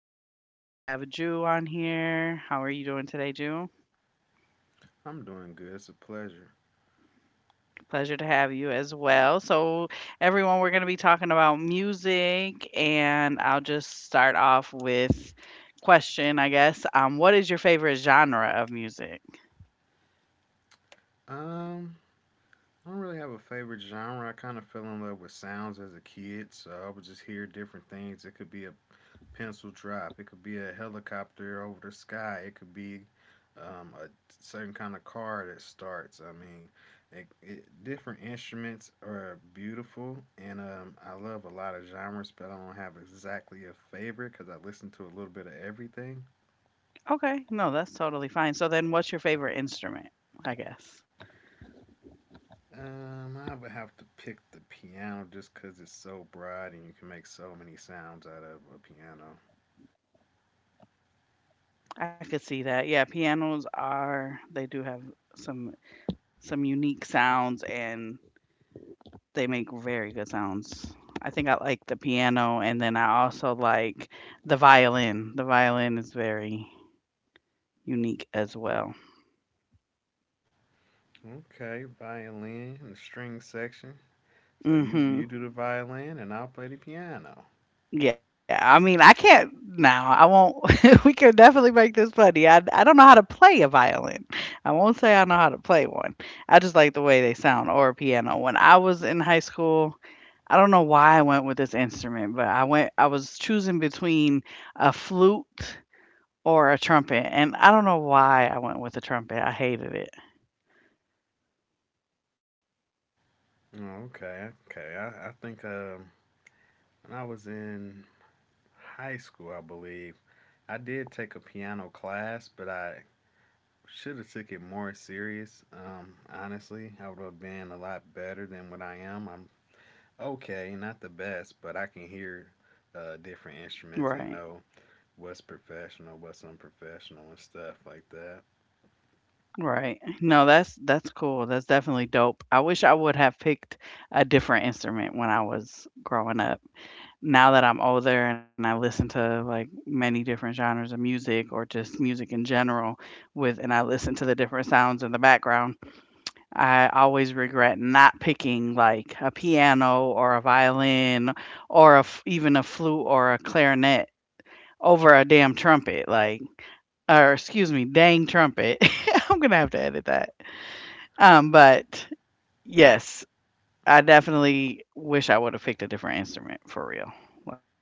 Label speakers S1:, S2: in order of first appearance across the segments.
S1: Arena Show. I have Jew on here. How are you doing today, Jew?
S2: I'm doing good. It's a pleasure.
S1: Pleasure to have you as well. So, everyone, we're going to be talking about music, and I'll just start off with question, I guess. What is your favorite genre of music?
S2: Um, I don't really have a favorite genre. I kind of fell in love with sounds as a kid, so I would just hear different things. It could be a pencil drop, it could be a helicopter over the sky, it could be a certain kind of car that starts. I mean, different instruments are beautiful, and I love a lot of genres, but I don't have exactly a favorite because I listen to a little bit of everything.
S1: Okay, no, that's totally fine. So then, what's your favorite instrument? I guess
S2: I would have to pick the piano just because it's so broad and you can make so many sounds out of a piano.
S1: I could see that. Yeah, pianos are, they do have some some unique sounds, and they make very good sounds. I think I like the piano, and then I also like the violin. The violin is very unique as well.
S2: Okay, violin and string section. So you do
S1: Mhm.
S2: the violin and I'll play the piano.
S1: Yeah, I mean, I can't now. I won't we can definitely make this funny. I don't know how to play a violin. I won't say I know how to play one. I just like the way they sound, or a piano. When I was in high school, I don't know why I went with this instrument, but I was choosing between a flute or a trumpet, and I don't know why I went with the trumpet. I hated it.
S2: Okay, okay. I think when I was in high school, I believe I did take a piano class, but I should have took it more serious. Honestly, I would have been a lot better than what I am. I'm okay, not the best, but I can hear different
S1: Right,
S2: instruments and know what's professional, what's unprofessional, and stuff like that.
S1: right. No, that's cool, that's definitely dope. I wish I would have picked a different instrument when I was growing up. Now that I'm older and I listen to, like, many different genres of music, or just music in general, with and I listen to the different sounds in the background, I always regret not picking, like, a piano or a violin, or a f even a flute or a clarinet over a damn trumpet, like, or excuse me, dang trumpet. I'm gonna have to edit that. But yes, I definitely wish I would have picked a different instrument for real. Like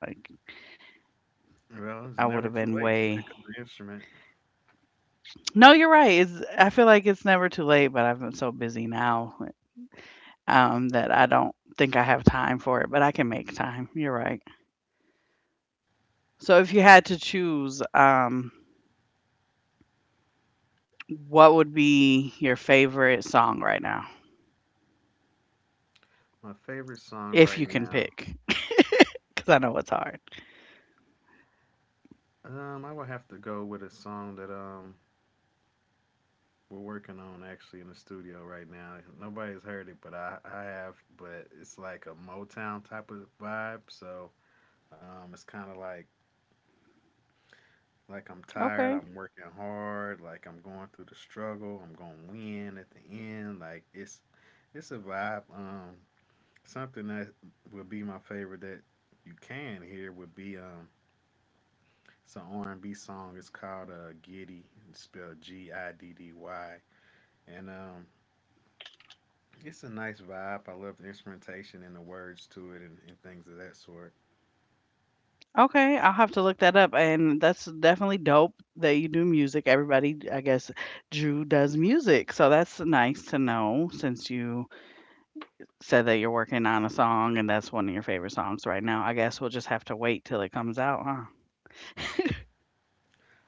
S2: Well,
S1: I
S2: it's
S1: would have
S2: never
S1: been
S2: too late to
S1: way.
S2: pick up an instrument.
S1: No, you're right. It's I feel like it's never too late, but I've been so busy now that I don't think I have time for it. But I can make time. You're right. So if you had to choose, what would be your favorite song right now,
S2: My favorite song
S1: if you
S2: right
S1: can
S2: now,
S1: pick? Because I know it's hard.
S2: I would have to go with a song that we're working on actually in the studio right now. Nobody's heard it, but I have. But it's like a Motown type of vibe, so it's kind of like I'm
S1: Okay.
S2: tired, I'm working hard, like I'm going through the struggle, I'm gonna win at the end. Like it's a vibe. Something that would be my favorite that you can hear would be it's an R and B song. It's called Giddy. It's spelled Giddy. And it's a nice vibe. I love the instrumentation and the words to it and things of that sort.
S1: Okay, I'll have to look that up. And that's definitely dope that you do music. Everybody, I guess, Drew does music. So that's nice to know, since you said that you're working on a song and that's one of your favorite songs right now. I guess we'll just have to wait till it comes out, huh?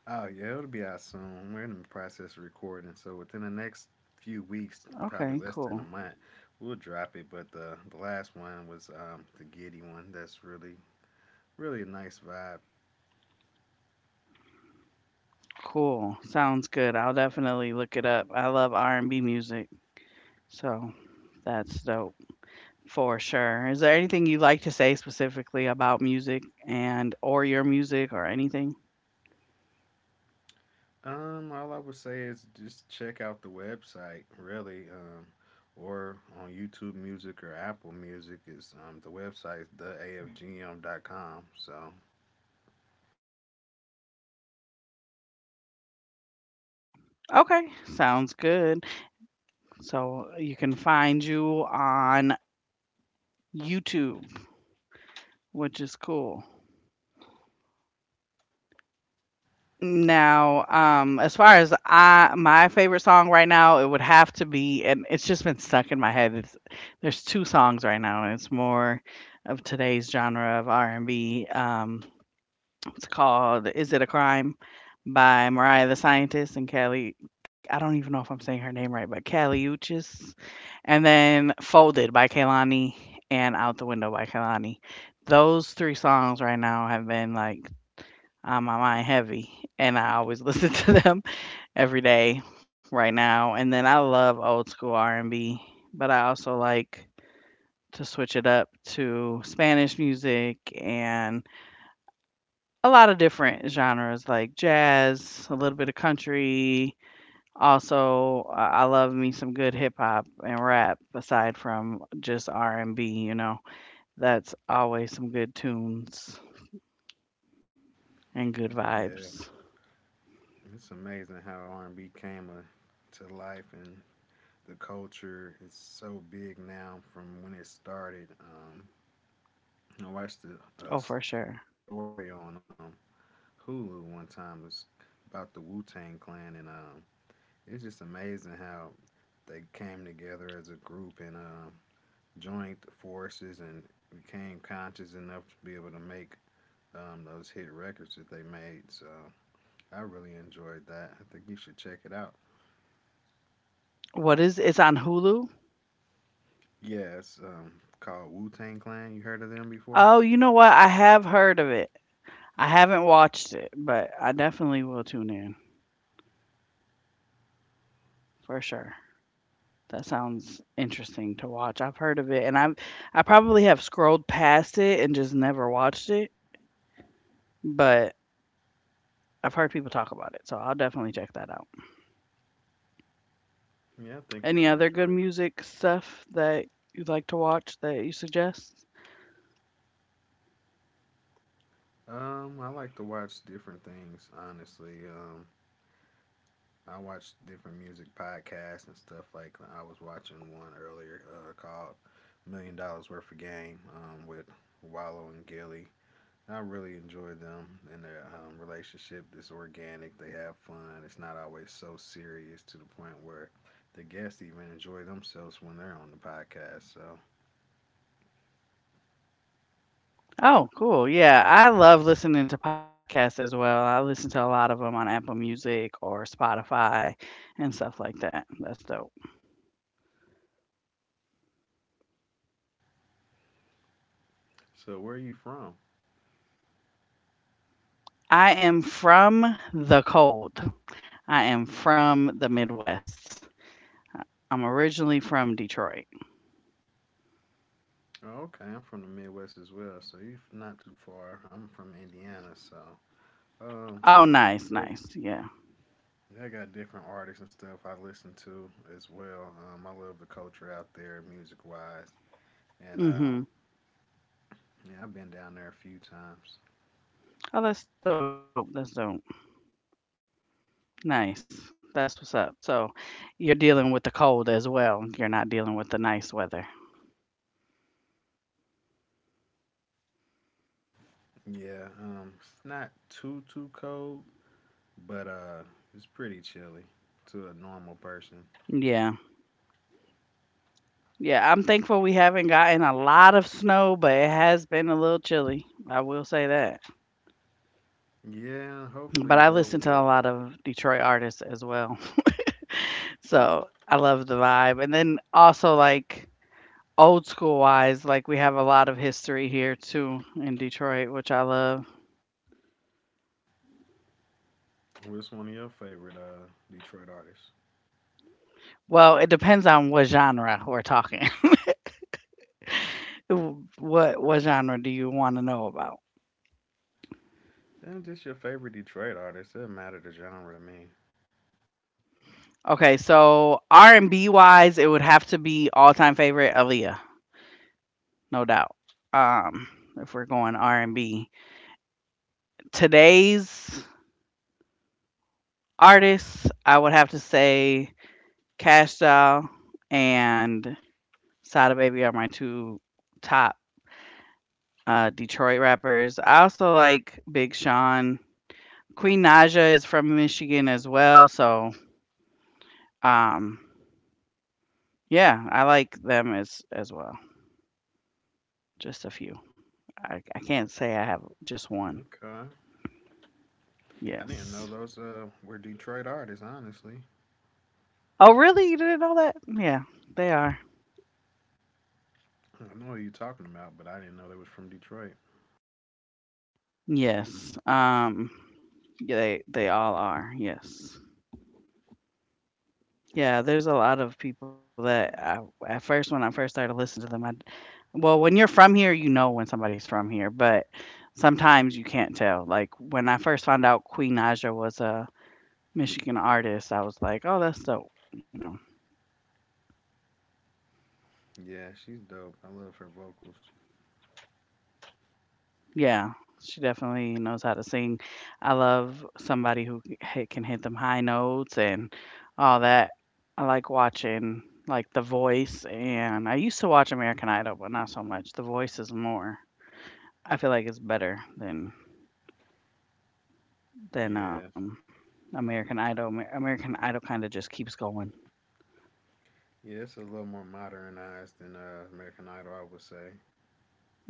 S2: Oh yeah, it'll be out soon. We're in the process of recording, so within the next
S1: Okay.
S2: few
S1: Cool.
S2: weeks, probably less than a month, we'll drop it. But the last one was the Giddy one. That's really a nice vibe.
S1: Cool, sounds good. I'll definitely look it up. I love R&B music. So that's dope for sure. Is there anything you'd like to say specifically about music and or your music or anything?
S2: All I would say is just check out the website, really. Or on YouTube Music or Apple Music is the website is theafgm.com. So
S1: Okay, sounds good. So you can find you on YouTube, which is cool. Now, as far as I my favorite song right now, it would have to be, and it's just been stuck in my head. There's two songs right now, and it's more of today's genre of R&B. It's called "Is It a Crime" by Mariah the Scientist and Callie. I don't even know if I'm saying her name right, but Callie Uchis, and then Folded by Kehlani, and Out the Window by Kehlani. Those 3 songs right now have been, like, on my mind heavy, and I always listen to them every day right now. And then I love old school R&B, but I also like to switch it up to Spanish music and a lot of different genres, like jazz, a little bit of country. Also, I love me some good hip hop and rap aside from just R&B. That's always some good tunes and good
S2: yeah,
S1: vibes.
S2: it's amazing how R and B came to life and the culture is so big now from when it started. I watched
S1: Oh,
S2: a
S1: for sure.
S2: story on Hulu one time it was about the Wu Tang Clan, and it's just amazing how they came together as a group and joined forces and became conscious enough to be able to make those hit records that they made. So I really enjoyed that. I think you should check it out.
S1: What is It's on Hulu?
S2: Yeah, it's called Wu Tang Clan. You heard of them before?
S1: Oh, you know what? I have heard of it. I haven't watched it, but I definitely will tune in for sure. That sounds interesting to watch. I've heard of it, and I probably have scrolled past it and just never watched it, but I've heard people talk about it, so I'll definitely check that out.
S2: Yeah, I think you
S1: Any
S2: will
S1: other good
S2: enjoy.
S1: music stuff that you'd like to watch that you suggest?
S2: I like to watch different things, honestly. I watch different music podcasts and stuff. Like I was watching one earlier called Million Dollars Worth of Game with Wallow and Gilly. I really enjoy them and their relationship. It's organic. They have fun. It's not always so serious to the point where the guests even enjoy themselves when they're on the podcast. So,
S1: Oh, cool. Yeah, I love listening to podcasts as well. I listen to a lot of them on Apple Music or Spotify and stuff like that. That's dope.
S2: so where are you from?
S1: I am from the cold. I am from the Midwest. I am originally from Detroit.
S2: Oh, okay, I'm from the Midwest as well, so you're not too far. I'm from Indiana, so so
S1: Oh, nice,
S2: Detroit,
S1: nice. Yeah.
S2: they got different artists and stuff I listen to as well. I love the culture out there, music wise, and
S1: Mhm.
S2: yeah, I've been down there a few times.
S1: Oh, that's dope. That's dope. Nice. That's what's up. So you're dealing with the cold as well. You're not dealing with the nice weather.
S2: Yeah, it's not too cold, but it's pretty chilly to a normal person.
S1: Yeah. Yeah, I'm thankful we haven't gotten a lot of snow, but it has been a little chilly. I will say that.
S2: Yeah, hopefully
S1: But I
S2: it's over
S1: listen to
S2: with.
S1: a lot of Detroit artists as well. So I love the vibe. And then also, like, old school wise, like, we have a lot of history here too in Detroit, which I love.
S2: What's one of your favorite Detroit artists?
S1: Well, it depends on what genre we're talking. What genre do you want to know about?
S2: And just your favorite Detroit artist. It doesn't matter the genre to me.
S1: Okay, so R&B wise, it would have to be, all time favorite, Aaliyah, no doubt. Um, if we're going R&B, today's artists, I would have to say Cash Doll and Sada Baby are my two top Detroit rappers. I also like Big Sean. Queen Naja is from Michigan as well, so um, yeah, I like them as well. Just a few. I can't say I have just one.
S2: Okay. I didn't know
S1: Yes.
S2: those were Detroit artists, honestly.
S1: Oh, really? You didn't know that? Yeah, they are.
S2: I know who you're talking about, but I didn't know they was from Detroit.
S1: Yes. Yeah, they all are. Yes. Yeah, there's a lot of people that at first when I first started listening to them, I well, when you're from here, you know when somebody's from here, but sometimes you can't tell. Like when I first found out Queen Naja was a Michigan artist, I was like, "Oh, that's dope."
S2: Yeah, she's dope. I love her vocals.
S1: Yeah, she definitely knows how to sing. I love somebody who can hit them high notes and all that. I like watching like The Voice, and I used to watch American Idol, but not so much. The Voice is more. I feel like it's better than than
S2: Yeah.
S1: um American Idol. American Idol kind of just keeps going.
S2: Yeah, it's a little more modernized than American Idol, I would say.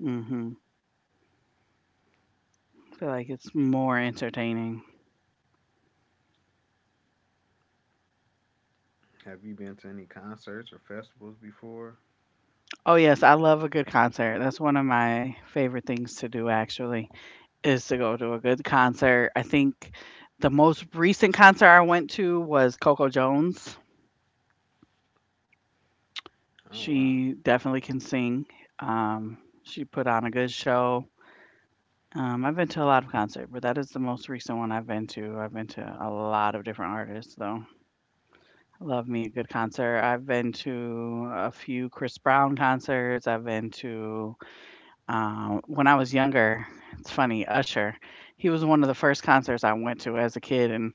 S1: Hmm. I feel like it's more entertaining.
S2: Have you been to any concerts or festivals before?
S1: Oh yes, I love a good concert. That's one of my favorite things to do, actually. Is to go to a good concert. I think the most recent concert I went to was Coco Jones.
S2: Oh,
S1: She
S2: wow.
S1: definitely can sing. Um, she put on a good show. I've been to a lot of concerts, but that is the most recent one I've been to. I've been to a lot of different artists, though. Love me a good concert. I've been to a few Chris Brown concerts. I've been to, when I was younger, it's funny, Usher. He was one of the first concerts I went to as a kid. And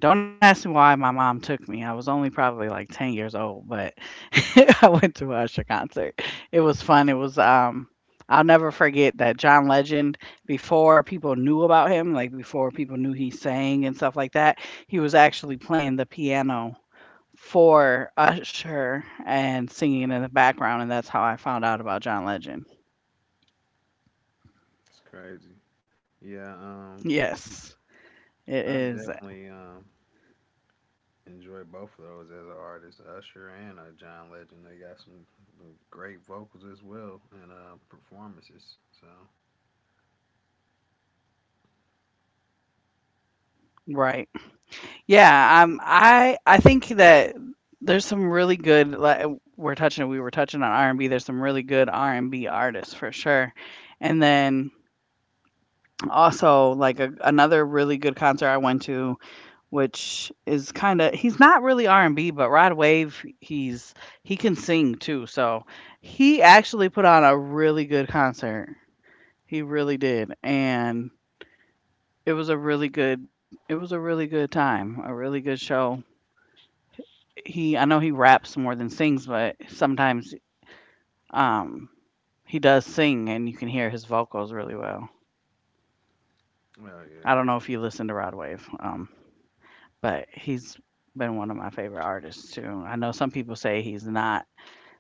S1: don't ask me why my mom took me. I was only probably like 10 years old, but I went to a Usher concert. It was fun. It was I'll never forget that John Legend, before people knew about him, like before people knew he sang and stuff like that, he was actually playing the piano for Usher and singing in the background, and that's how I found out about John Legend.
S2: It's crazy. Yeah,
S1: Yes. It is
S2: I definitely enjoy both of those as an artist, Usher and John Legend. They got some great vocals as well and performances. So,
S1: right. Yeah, I think that there's some really good, like, we were touching on R&B. There's some really good R&B artists for sure. And then also, another really good concert I went to, which is kind of, he's not really R&B, but Rod Wave, he can sing too. So he actually put on a really good concert. He really did. And it was a really good time, a really good show. He I know he raps more than sings, but sometimes, um, he does sing and you can hear his vocals really well. I don't know
S2: oh
S1: if you listen to Rodwave, but he's been one of my favorite artists too. I know some people say he's not.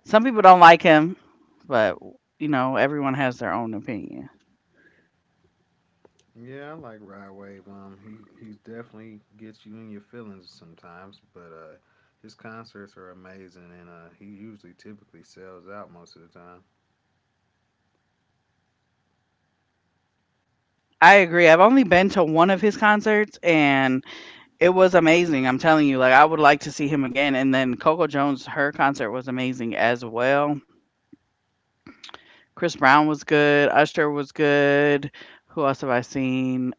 S1: Some people don't like him, but everyone has their own opinion.
S2: yeah, yeah, I like Rod Wave. He definitely gets you in your feelings sometimes, but his concerts are amazing, and he usually typically sells out most of the time.
S1: I agree. I've only been to one of his concerts and it was amazing. I'm telling you, like, I would like to see him again. And then Coco Jones, her concert was amazing as well. Chris Brown was good, Usher was good. Who else have I seen?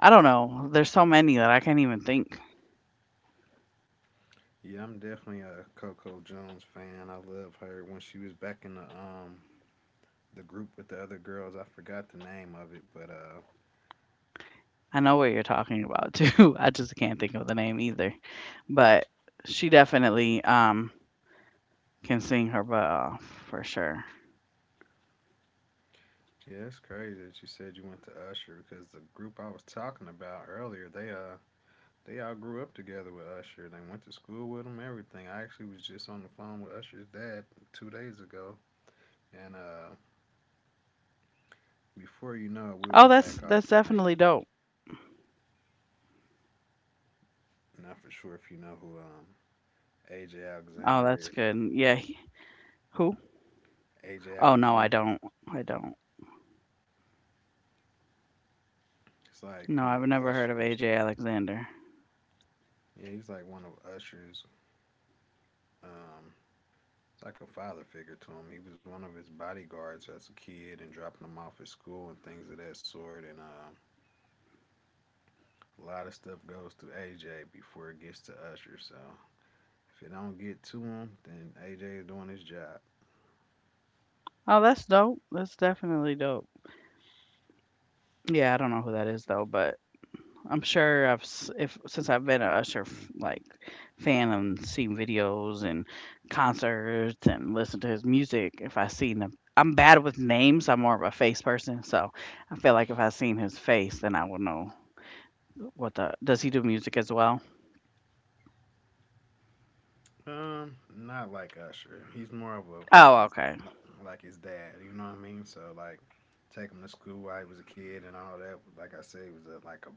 S1: I don't know. There's so many that I can't even think.
S2: Yeah, I'm definitely a Coco Jones fan. I love her when she was back in the group with the other girls. I forgot the name of it, but
S1: I know what you're talking about too. I just can't think of the name either. But she definitely can sing her butt off for sure.
S2: yeah, it's crazy that you said you went to Usher because the group I was talking about earlier, they all grew up together with Usher. They went to school with him, everything. I actually was just on the phone with Usher's dad two days ago, and before you know it, we'll be
S1: Oh, that's
S2: back all
S1: that's
S2: connected.
S1: definitely dope.
S2: Not for sure if you know who AJ
S1: Oh, that's
S2: Alexander is.
S1: good. Yeah. Who?
S2: AJ
S1: Oh no, I
S2: Alexander,
S1: don't. I don't.
S2: it's like
S1: No,
S2: one of
S1: I've never heard of
S2: Usher's.
S1: AJ Alexander.
S2: Yeah, he's like one of Usher's um it's like a father figure to him. He was one of his bodyguards as a kid and dropping him off at school and things of that sort. And a lot of stuff goes to AJ before it gets to Usher. So if it don't get to him, then AJ is doing his job.
S1: Oh, that's dope. That's definitely dope. Yeah, I don't know who that is though, but I'm sure if since I've been a Usher fan and seen videos and concerts and listened to his music, if I seen him, I'm bad with names. I'm more of a face person, so I feel like if I seen his face, then I would know what the does he do music as well?
S2: Not like Usher. He's more of a
S1: Oh, okay.
S2: like his dad. You know what I mean? So like, take him to school while he was a kid and all that. Like I said, he was like a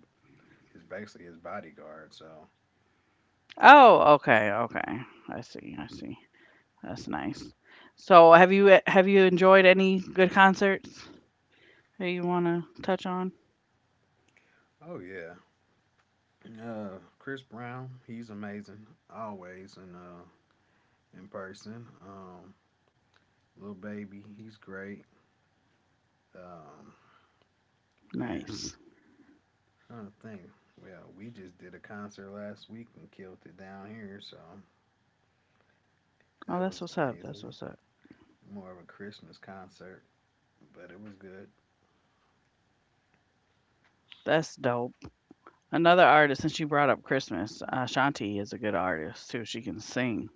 S2: he's basically his bodyguard. So
S1: Oh, okay, okay. I see. I see. That's nice. So have you enjoyed any good concerts that you want to touch on?
S2: oh yeah, uh, Chris Brown, he's amazing always, and in person. Little baby, he's great. Um, man,
S1: Nice.
S2: trying to think. Well, we just did a concert last week and killed it down here, so
S1: Oh,
S2: that
S1: that's
S2: was
S1: what's up. That's
S2: amazing.
S1: what's up.
S2: More of a Christmas concert, but it was good.
S1: That's dope. Another artist, since you brought up Christmas, Shanti is a good artist too. She can sing.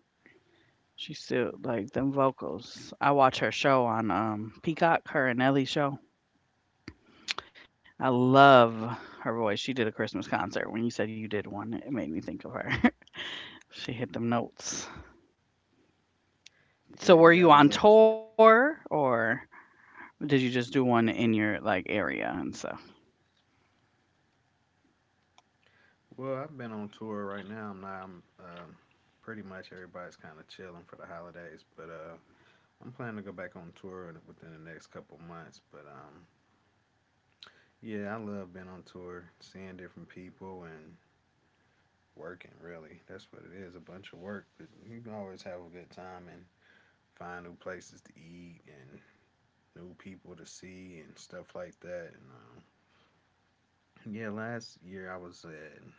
S1: She still like them vocals. I watch her show on Peacock, her and Nelly show. I love her voice. She did a Christmas concert. When you said you did one, it made me think of her. She hit them notes.
S2: Yeah,
S1: So were
S2: you
S1: you
S2: gotta
S1: on
S2: love a Snoopy.
S1: tour or did you just do one in your like area and stuff?
S2: Well, I've been on tour right now. I'm not. I'm pretty much everybody's kind of chilling for the holidays, but I'm planning to go back on tour within the next couple months. But yeah, I love being on tour, seeing different people and working really. That's what it is, a bunch of work, but you can always have a good time and find new places to eat and new people to see and stuff like that. And yeah, last year I was in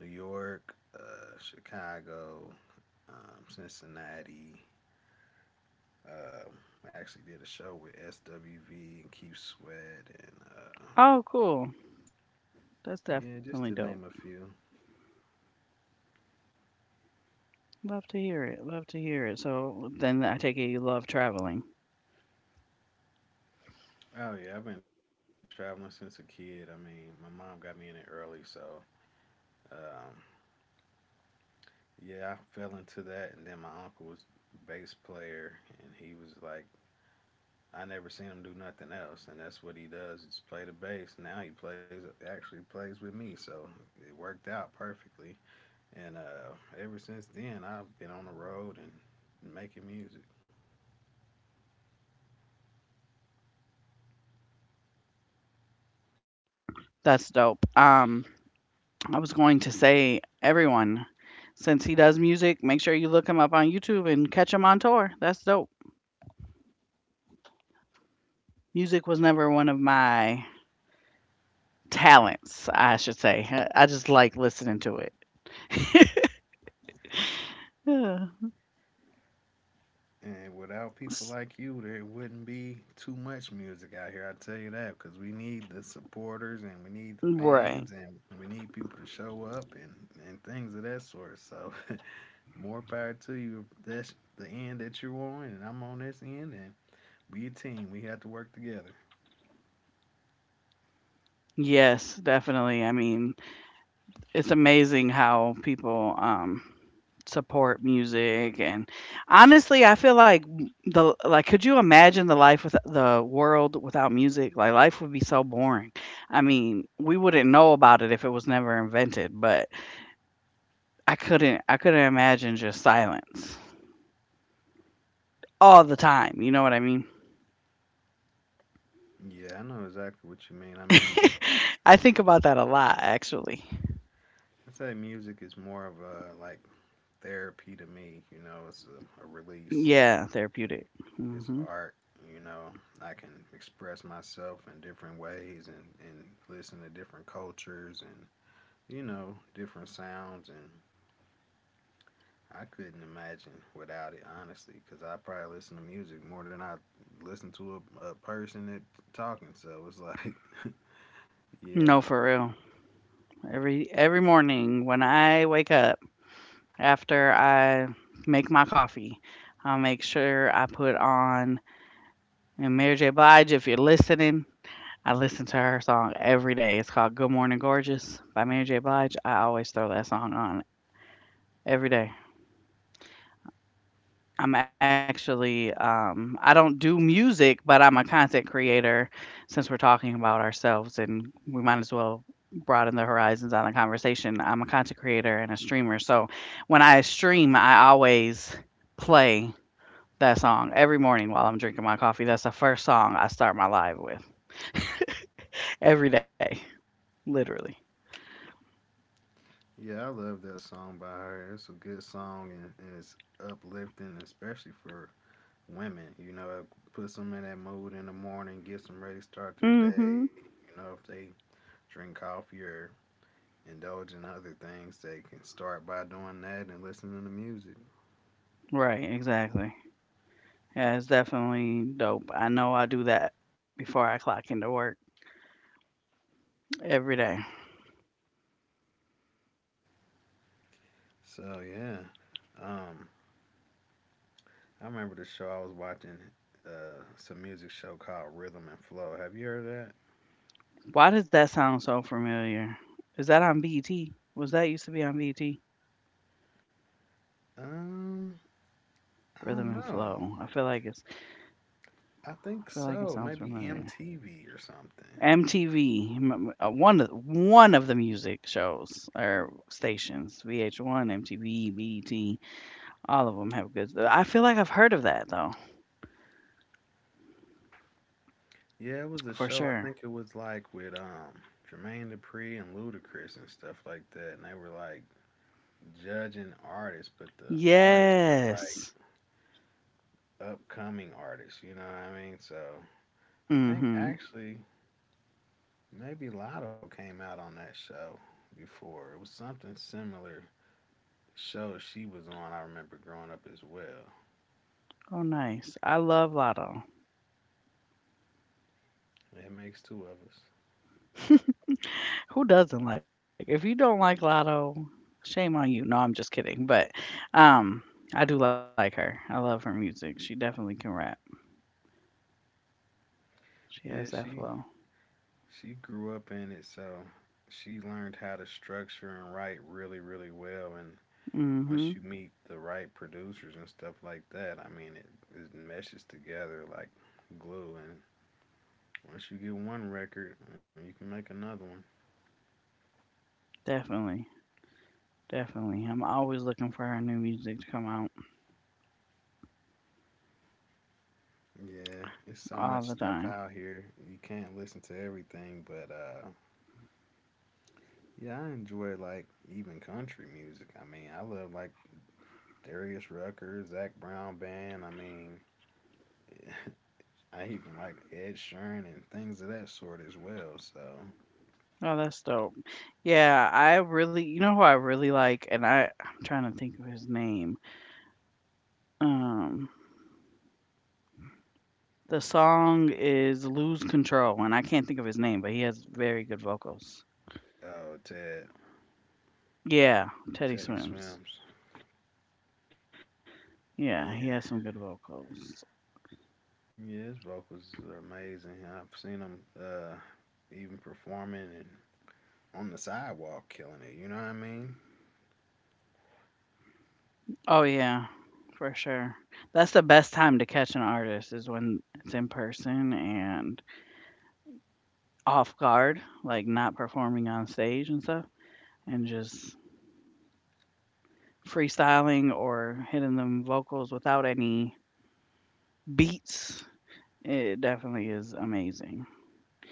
S2: New York, Chicago, Cincinnati. Um, I actually did a show with SWV and Keith Sweat and
S1: Oh, cool. That's
S2: yeah,
S1: definitely
S2: just
S1: dope.
S2: to name a few.
S1: Love to hear it. Love to hear it. So then I take it you love traveling.
S2: Oh yeah, I've been traveling since a kid. I mean, my mom got me in it early, so um, yeah, I fell into that. And then my uncle was bass player, and he was like, I never seen him do nothing else, and that's what he does. Just play the bass. Now actually plays with me, so it worked out perfectly. And ever since then, I've been on the road and making music.
S1: That's dope. I was going to say, everyone, since he does music, make sure you look him up on YouTube and catch him on tour. That's dope. Music was never one of my talents, I should say. I just like listening to it. Yeah.
S2: And without people
S1: S-
S2: like you, there wouldn't be too much music out here. I tell you that because we need the supporters and we need the fans
S1: Right.
S2: and we need people to show up and things of that sort. So, more power to you. If that's the end that you're on, and I'm on this end, and we a team. We have to work together.
S1: Yes, definitely. I mean, it's amazing how people support music and honestly I feel like the like could you imagine the life with the world without music? Like life would be so boring. I mean, we wouldn't know about it if it was never invented, but I couldn't imagine just silence all the time, you know what I mean?
S2: Yeah, I know exactly what you mean. I mean, I
S1: I think about that a lot actually.
S2: say music is more of a like therapy to me. You know, it's a release.
S1: Yeah, therapeutic.
S2: It's
S1: Hmm.
S2: art, you know, I can express myself in different ways and listen to different cultures and, you know, different sounds and I couldn't imagine without it, honestly, because I probably listen to music more than I listen to a person that talking, so it's like yeah.
S1: No, for real. Every morning when I wake up, after I make my coffee, I'll make sure I put on, and Mary J. Blige, if you're listening, I listen to her song every day. It's called Good Morning Gorgeous by Mary J. Blige. I always throw that song on every day. I'm actually, I don't do music, but I'm a content creator. Since we're talking about ourselves and we might as well broaden the horizons on the conversation, I'm a content creator and a streamer. So when I stream, I always play that song every morning while I'm drinking my coffee. That's the first song I start my live with every day, literally.
S2: Yeah, I love that song by her. It's a good song and it's uplifting, especially for women. You know, it puts them in that mood in the morning, gets them ready to start their day.
S1: Mhm.
S2: You know, if they drink coffee or indulge in other things, they can start by doing that and listening to music.
S1: Right, exactly. Yeah, it's definitely dope. I know I do that before I clock into work every day.
S2: So yeah, um, I remember the show I was watching. Some music show called Rhythm and Flow. Have you heard of that?
S1: Why does that sound so familiar? Is that on BET? Was that used to be on BET?
S2: Um, I
S1: Rhythm and
S2: don't
S1: flow.
S2: know.
S1: I feel like it's.
S2: I
S1: I feel
S2: think
S1: like it
S2: so.
S1: sounds
S2: Maybe
S1: familiar.
S2: MTV or something.
S1: MTV, one of the music shows or stations, VH1, MTV, BET. All of them have good st, I feel like I've heard of that though,
S2: Yeah, it was a
S1: for
S2: show. I
S1: sure.
S2: think it was like with Jermaine Dupri and Ludacris and stuff like that. And they were like judging artists, but the artists were like.
S1: Yes.
S2: Upcoming artists, you know what I mean? So I think
S1: Mhm.
S2: actually maybe Lotto came out on that show before. It was something similar show she was on I remember growing up as well.
S1: Oh, nice. I love Lotto.
S2: Yeah, it makes two of us.
S1: Who doesn't? Like if you don't like Lotto, shame on you. No, I'm just kidding, but, um, I do like her. I love her music. She definitely can rap. She has that
S2: Yeah,
S1: flow.
S2: she grew up in it, so she learned how to structure and write really, really well. And
S1: Mhm.
S2: once you meet the right producers and stuff like that, I mean it meshes together like glue, and once you get one record you can make another one.
S1: Definitely, definitely. I'm always looking for her new music to come out
S2: Yeah, it's so
S1: all
S2: much
S1: the
S2: stuff
S1: time.
S2: out here. You can't listen to everything, but yeah, I enjoy like even country music. I mean, I love like Darius Rucker, Zach Brown band. I mean, I even like Ed Sheeran and things of that sort as well. So,
S1: Oh, that's dope. Yeah, I really, you know who I really like, and I'm trying to think of his name. Um, the song is "Lose Control," and I can't think of his name, but he has very good vocals.
S2: oh, Ted,
S1: Yeah, Teddy
S2: Teddy
S1: Swims.
S2: Swims.
S1: Yeah, he has some good vocals.
S2: Yeah, yeah, his vocals are amazing. I've seen him even performing and on the sidewalk killing it. You know what I mean?
S1: Oh yeah, for sure. That's the best time to catch an artist is when it's in person and off guard, like not performing on stage and stuff, and just freestyling or hitting them vocals without any beats. It definitely is amazing.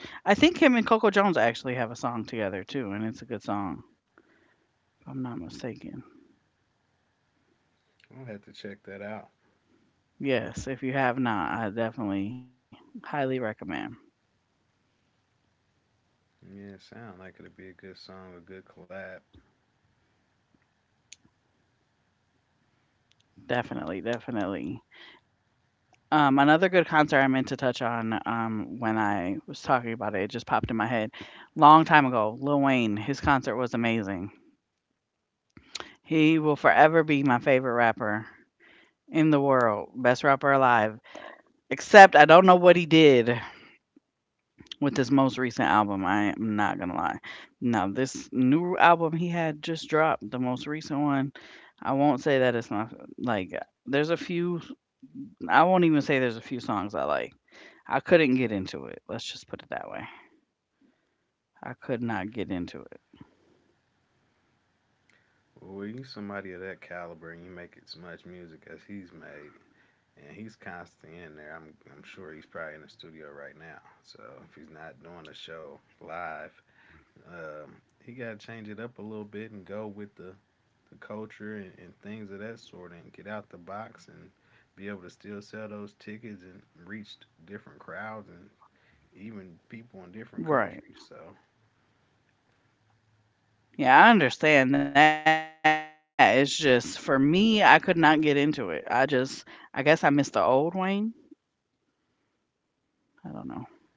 S1: I think him and Coco Jones actually have a song together too, and it's a good song, if I'm not mistaken.
S2: I'll have to check that out.
S1: Yes, if you have not, I definitely highly recommend.
S2: Yeah, it sound like it'd be a good song, a good collab.
S1: Definitely, definitely. Another good concert I meant to touch on when I was talking about it, it just popped in my head. Long time ago, Lil Wayne, his concert was amazing. He will forever be my favorite rapper in the world, best rapper alive. Except I don't know what he did with his most recent album. I am not gonna lie. Now this new album he had just dropped, the most recent one, I won't say that it's not like there's a few. I won't even say there's a few songs I like. I couldn't get into it. Let's just put it that way. I could not get into it.
S2: Well, when you somebody of that caliber and you make as much music as he's made, and he's constantly in there, I'm sure he's probably in the studio right now. So if he's not doing a show live, um, he got to change it up a little bit and go with the culture and, things of that sort, and get out the box and be able to still sell those tickets and reach different crowds and even people in different
S1: Right.
S2: countries. So
S1: Yeah, I understand that. It's just for me, I could not get into it. I just, I guess I miss the old Wayne. I don't know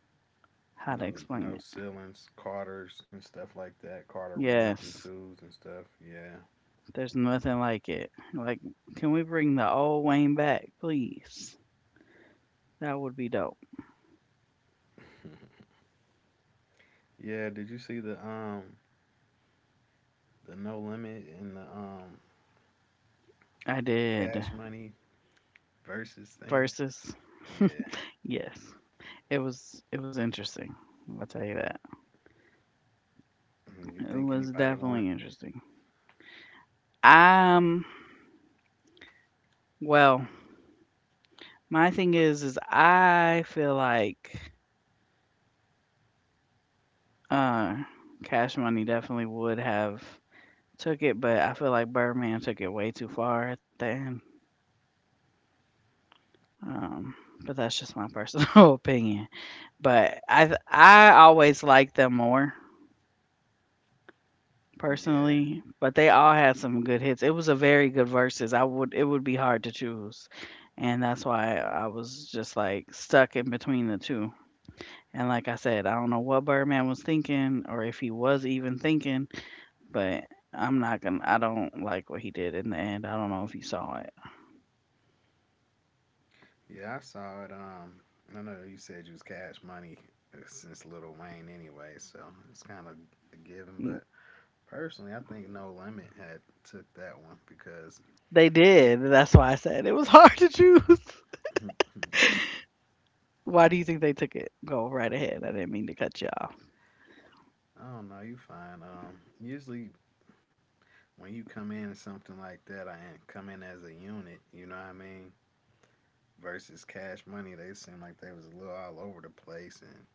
S1: how to explain
S2: no,
S1: it.
S2: No Ceilings, Carters and stuff like that. Carter
S1: Yes.
S2: ones and twos and stuff. Yeah,
S1: There's nothing like it. Like, can we bring the old Wayne back, please? That would be dope.
S2: yeah. Did you see the the No Limit and the
S1: I did
S2: Cash Money versus thing?
S1: versus.
S2: Yeah.
S1: Yes, it was. It was interesting. I'll tell you that.
S2: Mhm. You
S1: It
S2: think
S1: was
S2: anybody
S1: definitely
S2: won?
S1: interesting. Um, well, my thing is I feel like uh, Cash Money definitely would have took it, but I feel like Birdman took it way too far at the end. Um, but that's just my personal opinion. But I always liked them more
S2: Yeah,
S1: personally, but they all had some good hits. It was a very good verses. I would, it would be hard to choose, and that's why I was just like stuck in between the two. And like I said, I don't know what Birdman was thinking or if he was even thinking, but I'm not gonna. I don't like what he did in the end. I don't know if you saw
S2: yeah, I saw it. I know you said you was Cash Money since Little Wayne anyway, so it's kind of a
S1: it.
S2: given. But personally, I think No Limit had took that one because.
S1: They
S2: They,
S1: did. That's why I said it was hard to choose. Why do you think they took it? Go right ahead. I didn't mean to cut you off.
S2: I don't know. You fine? Usually when you come in something like that and come in as a unit, you know what I mean? Versus Cash Money, they seemed like they was a little all over the place, and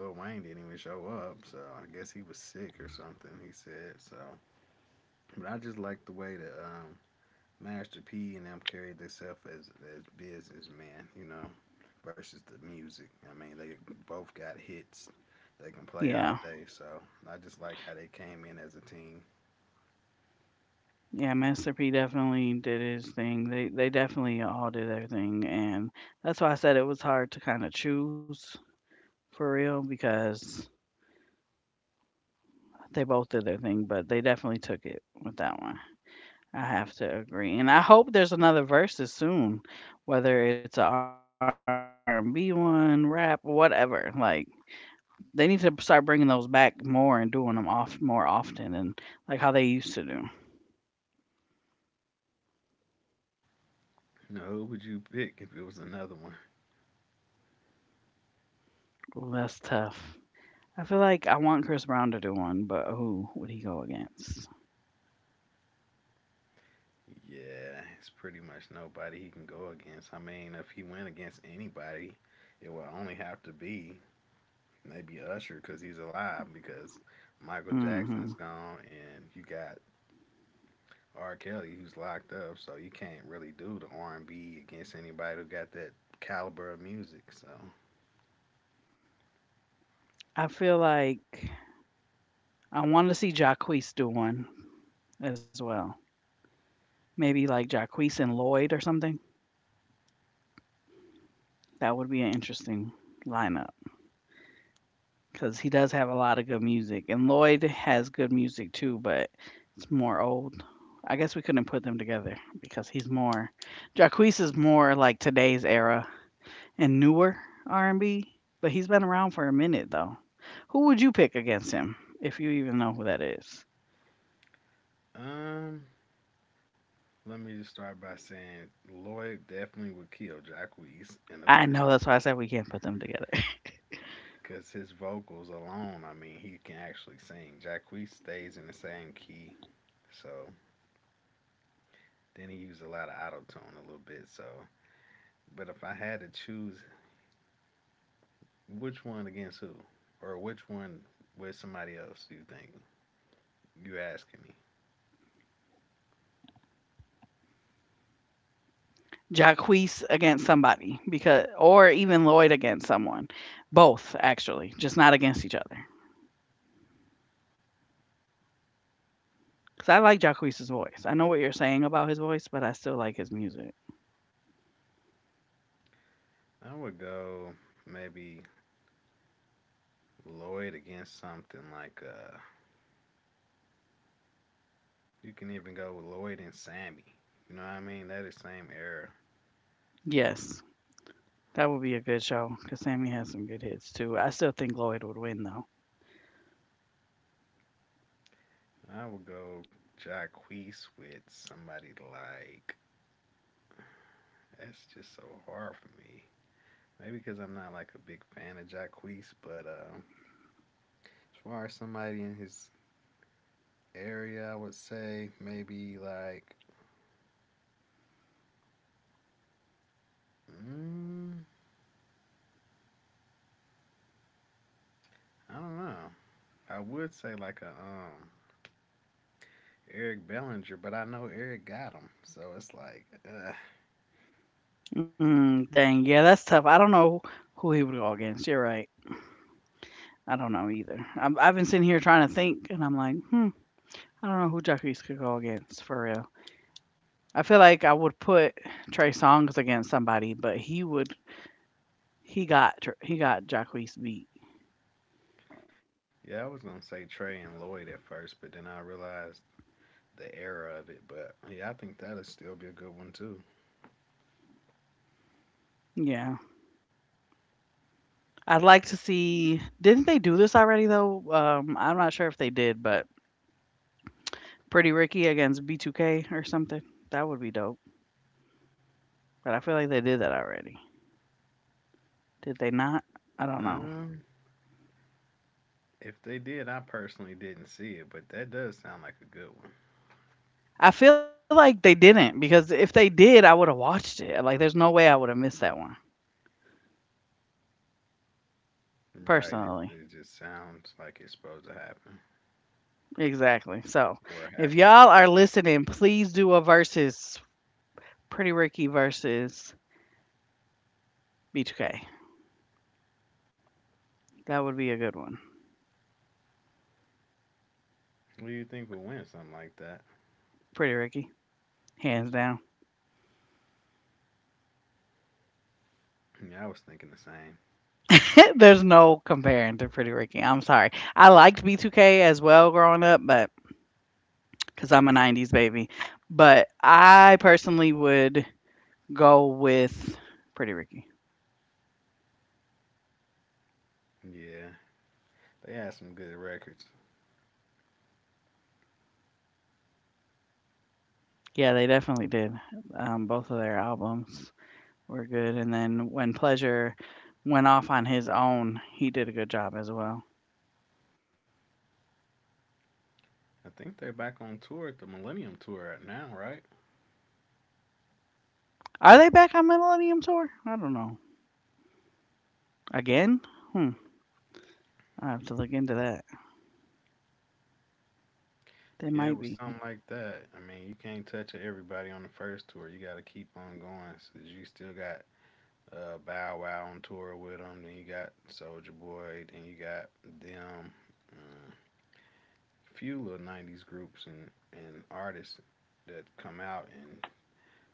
S2: Lil Wayne didn't even show up, so I guess he was sick or something. He said so, but I just like the way that Master P and them carried themselves as businessmen, you know, versus the music. I mean, they both got hits. They can play all
S1: Yeah.
S2: day. So I just like how they came in as a team.
S1: Yeah, Master P definitely did his thing. They definitely all did their thing, and that's why I said it was hard to kind of choose for real because they both did their thing, but they definitely took it with that one. I have to agree, and I hope there's another versus soon, whether it's a R&B one, rap, whatever. Like they need to start bringing those back more and doing them off more often, and like how they used to do.
S2: You know, who would you pick if it was another one?
S1: Ooh, that's tough. I feel like I want Chris Brown to do one, but who would he go against?
S2: Yeah, it's pretty much nobody he can go against. I mean, if he went against anybody, it would only have to be maybe Usher because he's alive. Because Michael Jackson's
S1: Mhm.
S2: gone, and you got R. Kelly who's locked up, so you can't really do the R and B against anybody who got that caliber of music. So,
S1: I feel like I want to see Jacquees do one as well. Maybe like Jacquees and Lloyd or something. That would be an interesting lineup because he does have a lot of good music, and Lloyd has good music too, but it's more old. I guess we couldn't put them together because he's more, Jacquees is more like today's era and newer R&B, but he's been around for a minute though. Who would you pick against him, if you even know who that is?
S2: um, let me just start by saying Lloyd definitely would kill Jacquees in the
S1: I
S2: verses.
S1: know, that's why I said we can't put them together.
S2: Because his vocals alone, I mean, he can actually sing. Jacquees stays in the same key. So then he used a lot of auto tune a little bit. So, but if I had to choose which one against who, or which one with somebody else, do you think? You asking me?
S1: Jacquees against somebody, because, or even Lloyd against someone. Both actually, just not against each other. Because I like Jacquees' voice. I know what you're saying about his voice, but I still like his music.
S2: I would go maybe Lloyd against something like, you can even go with Lloyd and Sammy. You know what I mean? That is same era.
S1: Yes, that would be a good show because Sammy has some good hits too. I still think Lloyd would win though.
S2: I would go Jacquees with somebody like. That's just so hard for me. Maybe because I'm not like a big fan of Jacquees, but as far as somebody in his area, I would say maybe like, mm, I don't know. I would say like a Eric Bellinger, but I know Eric got him, so it's like,
S1: Mm, dang, yeah, that's tough. I don't know who he would go against. You're right. I don't know either. I'm, I've been sitting here trying to think, and I'm like, hmm. I don't know who Jacques could go against for real. I feel like I would put Trey Songz against somebody, but he would, he got Jacques beat.
S2: yeah, I was gonna say Trey and Lloyd at first, but then I realized the era of it. But yeah, I think that will still be a good one too.
S1: Yeah. I'd like to see, didn't they do this already though? I'm not sure if they did, but Pretty Ricky against B2K or something. That would be dope. But I feel like they did that already. Did they not? I don't know.
S2: Um, if they did, I personally didn't see it, but that does sound like a good one.
S1: I feel like they didn't because if they did, I would have watched it. Like there's no way I would have missed that one
S2: Right, and it
S1: personally.
S2: just sounds like it's supposed to happen
S1: Exactly. So,
S2: or it
S1: if
S2: happened.
S1: y'all are listening, please do a versus, Pretty Ricky versus B2K. That would be a good one.
S2: What do you think would win something like that?
S1: Pretty Ricky, hands down.
S2: Yeah, I was thinking the same.
S1: There's no comparing to Pretty Ricky. I'm sorry. I liked B2K as well growing up, but because I'm a 90s baby. But I personally would go with Pretty Ricky.
S2: Yeah, they had some good records.
S1: Yeah, they definitely did both of their albums. We're good. And then when Pleasure went off on his own, he did a good job as well.
S2: I think they're back on tour at the Millennium Tour right now, right?
S1: Are they back on Millennium Tour? I don't know. Again? Hmm. I have to look into that. They
S2: Yeah, it
S1: might
S2: was
S1: be.
S2: something like that. I mean, you can't touch everybody on the first tour. You got to keep on going. So you still got Bow Wow on tour with them. Then you got Soldier Boy. Then you got them. mm, Few little '90s groups and artists that come out, and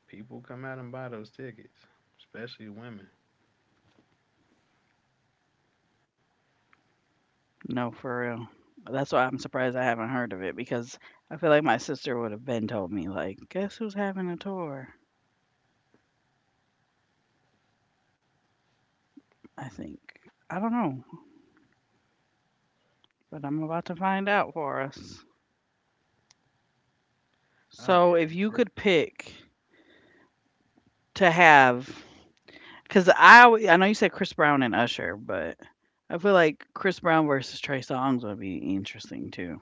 S2: people come out and buy those tickets, especially women.
S1: No, for real. That's why I'm surprised I haven't heard of it because I feel like my sister would have been told me, like, guess who's having a tour? I think. I don't know, but I'm about to find out for us.
S2: Oh
S1: So if
S2: yeah,
S1: you could
S2: check.
S1: pick to have, because I know you said Chris Brown and Usher, but I feel like Chris Brown versus Trey Songz would be interesting too.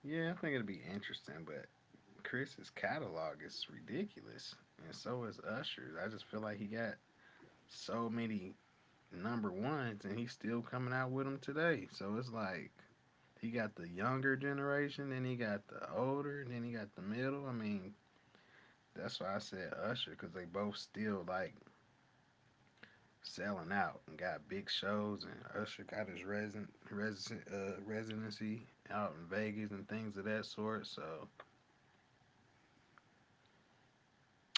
S2: Yeah, I think it will be interesting, but Chris's catalog is ridiculous, and so is Usher's. I just feel like he got so many number ones, and he's still coming out with them today. So it's like he got the younger generation, then he got the older, and then he got the middle. I mean, that's why I said Usher, because they both still like selling out and got big shows, and Usher got his resident resident residency out in Vegas and things of that sort. So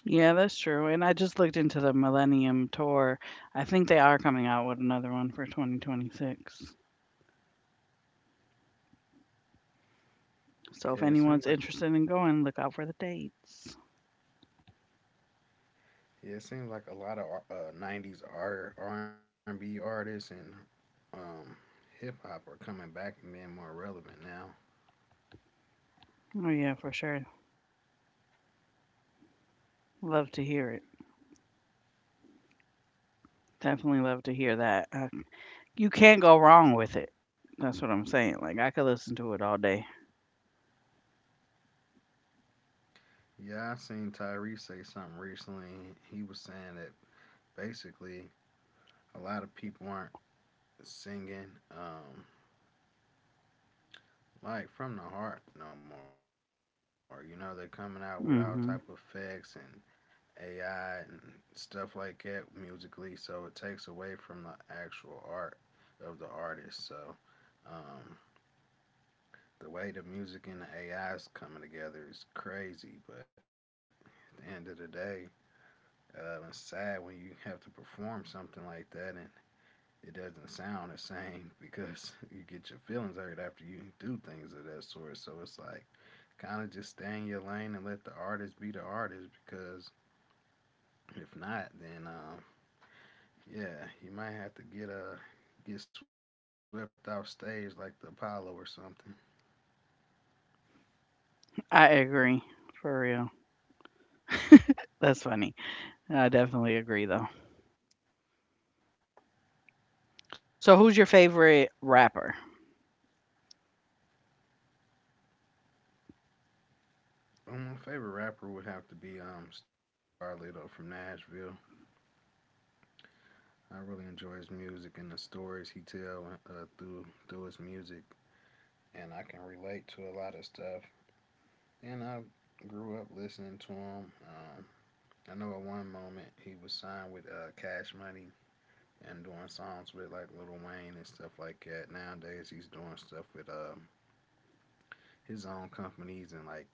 S1: Yeah, that's true, and I just looked into the Millennium Tour. I think they are coming out with another one for 2026. So
S2: yeah,
S1: if
S2: it seems
S1: anyone's
S2: like
S1: interested in going, look out for the dates.
S2: a lot of '90s R and B artists and um, hip hop are coming back and being more relevant now.
S1: Oh yeah, for sure. Love to hear it. Definitely love to hear that. You can't go wrong with it. That's what I'm saying. Like I could listen to it all day.
S2: Yeah, I seen Tyrese say something recently. He was saying that basically a lot of people aren't singing um, like from the heart no more. You know, they're coming out with all type of effects
S1: Mhm.
S2: and AI and stuff like that musically, so it takes away from the actual art of the artist. So um, the way the music and the AI is coming together is crazy, but at the end of the day, it's sad when you have to perform something like that and it doesn't sound the same because you get your feelings hurt after you do things of that sort. So it's like kind of just stay in your lane and let the artist be the artist, because if not, then yeah, you might have to get swept off stage like the Apollo or something.
S1: I agree. For real. That's funny. I definitely agree though. So who's your favorite rapper?
S2: But my favorite rapper would have to be Starlito from Nashville. I really enjoy his music and the stories he tell through his music, and I can relate to a lot of stuff. And I grew up listening to him. I know at one moment he was signed with Cash Money and doing songs with like Lil Wayne and stuff like that. Nowadays he's doing stuff with his own companies and like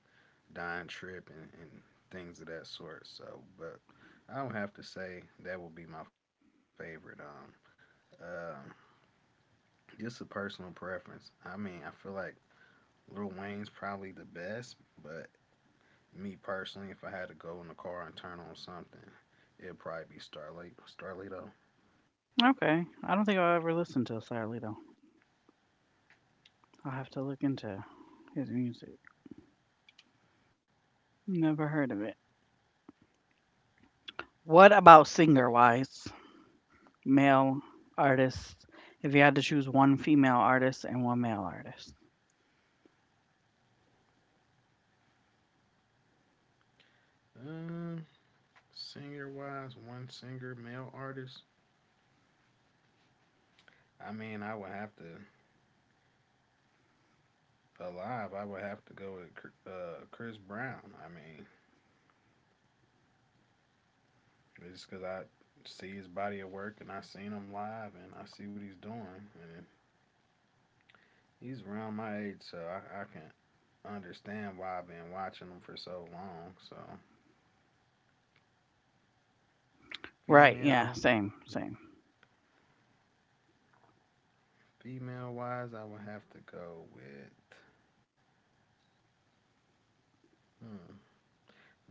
S2: Don Trip and, things of that sort. So, but I don't have to say that would be my favorite. Uh, just a personal preference. I mean, I feel like Lil Wayne's probably the best, but me personally, if I had to go in the car and turn on something, it'd probably be Starlight, Starlito.
S1: Okay. I don't think I'll ever listen to Sarlito. I'll have to look into his music. Never heard of it. What about singer wise? Male artists. If you had to choose one female artist and one male artist.
S2: Um, Singer wise, one singer, male artist. I mean, I would have to alive. I would have to go with Chris Brown. I mean, it's just because I see his body of work and I seen him live and I see what he's doing, and he's around my age, so I can understand why I've been watching him for so long. So
S1: Right, yeah,
S2: female,
S1: same.
S2: female wise, I would have to go with. Hmm,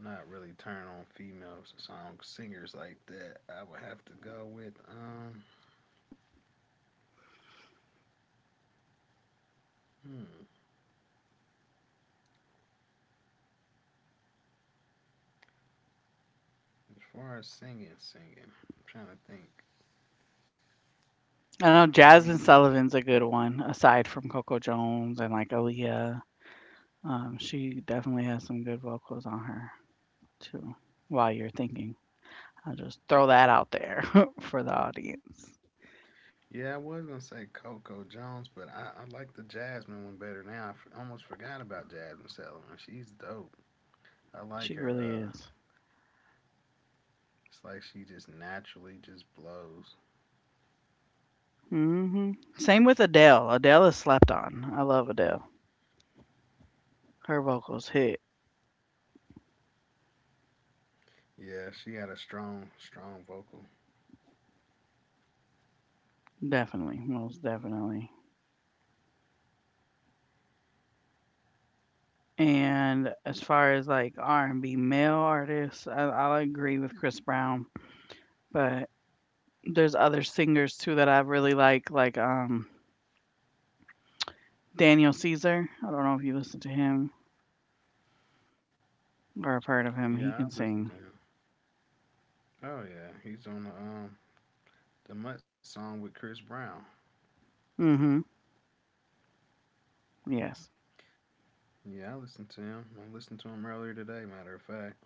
S2: Not really turn on female song singers like that. I would have to go with Hmm, as far as singing, I'm trying to think.
S1: I know
S2: I
S1: Jasmine
S2: mean,
S1: Sullivan's a good one, aside from Coco Jones and like Aaliyah. She definitely has some good vocals on her too. While you're thinking, I'll just throw that out there for the audience.
S2: yeah, I was gonna say Coco Jones, but I like the Jasmine one better now. Almost forgot about Jasmine Sullivan. She's dope. I like
S1: She
S2: her.
S1: really
S2: Uh,
S1: is.
S2: it's like she just naturally just blows.
S1: Mhm. Same with Adele. Adele is slept on. I love Adele. Her vocals hit,
S2: Yeah, she had a strong, strong vocal.
S1: definitely, most definitely. And as far as like R&B male artists, I'll agree with Chris Brown, but there's other singers too that I really like Daniel Caesar. I don't know if you listen to him or have heard of him.
S2: Yeah,
S1: He
S2: I
S1: can
S2: listened to
S1: sing.
S2: him. Oh yeah, he's on the Mutt song with Chris Brown.
S1: Mhm. Yes.
S2: Yeah, I listened to him. I listened to him earlier today. Matter of fact,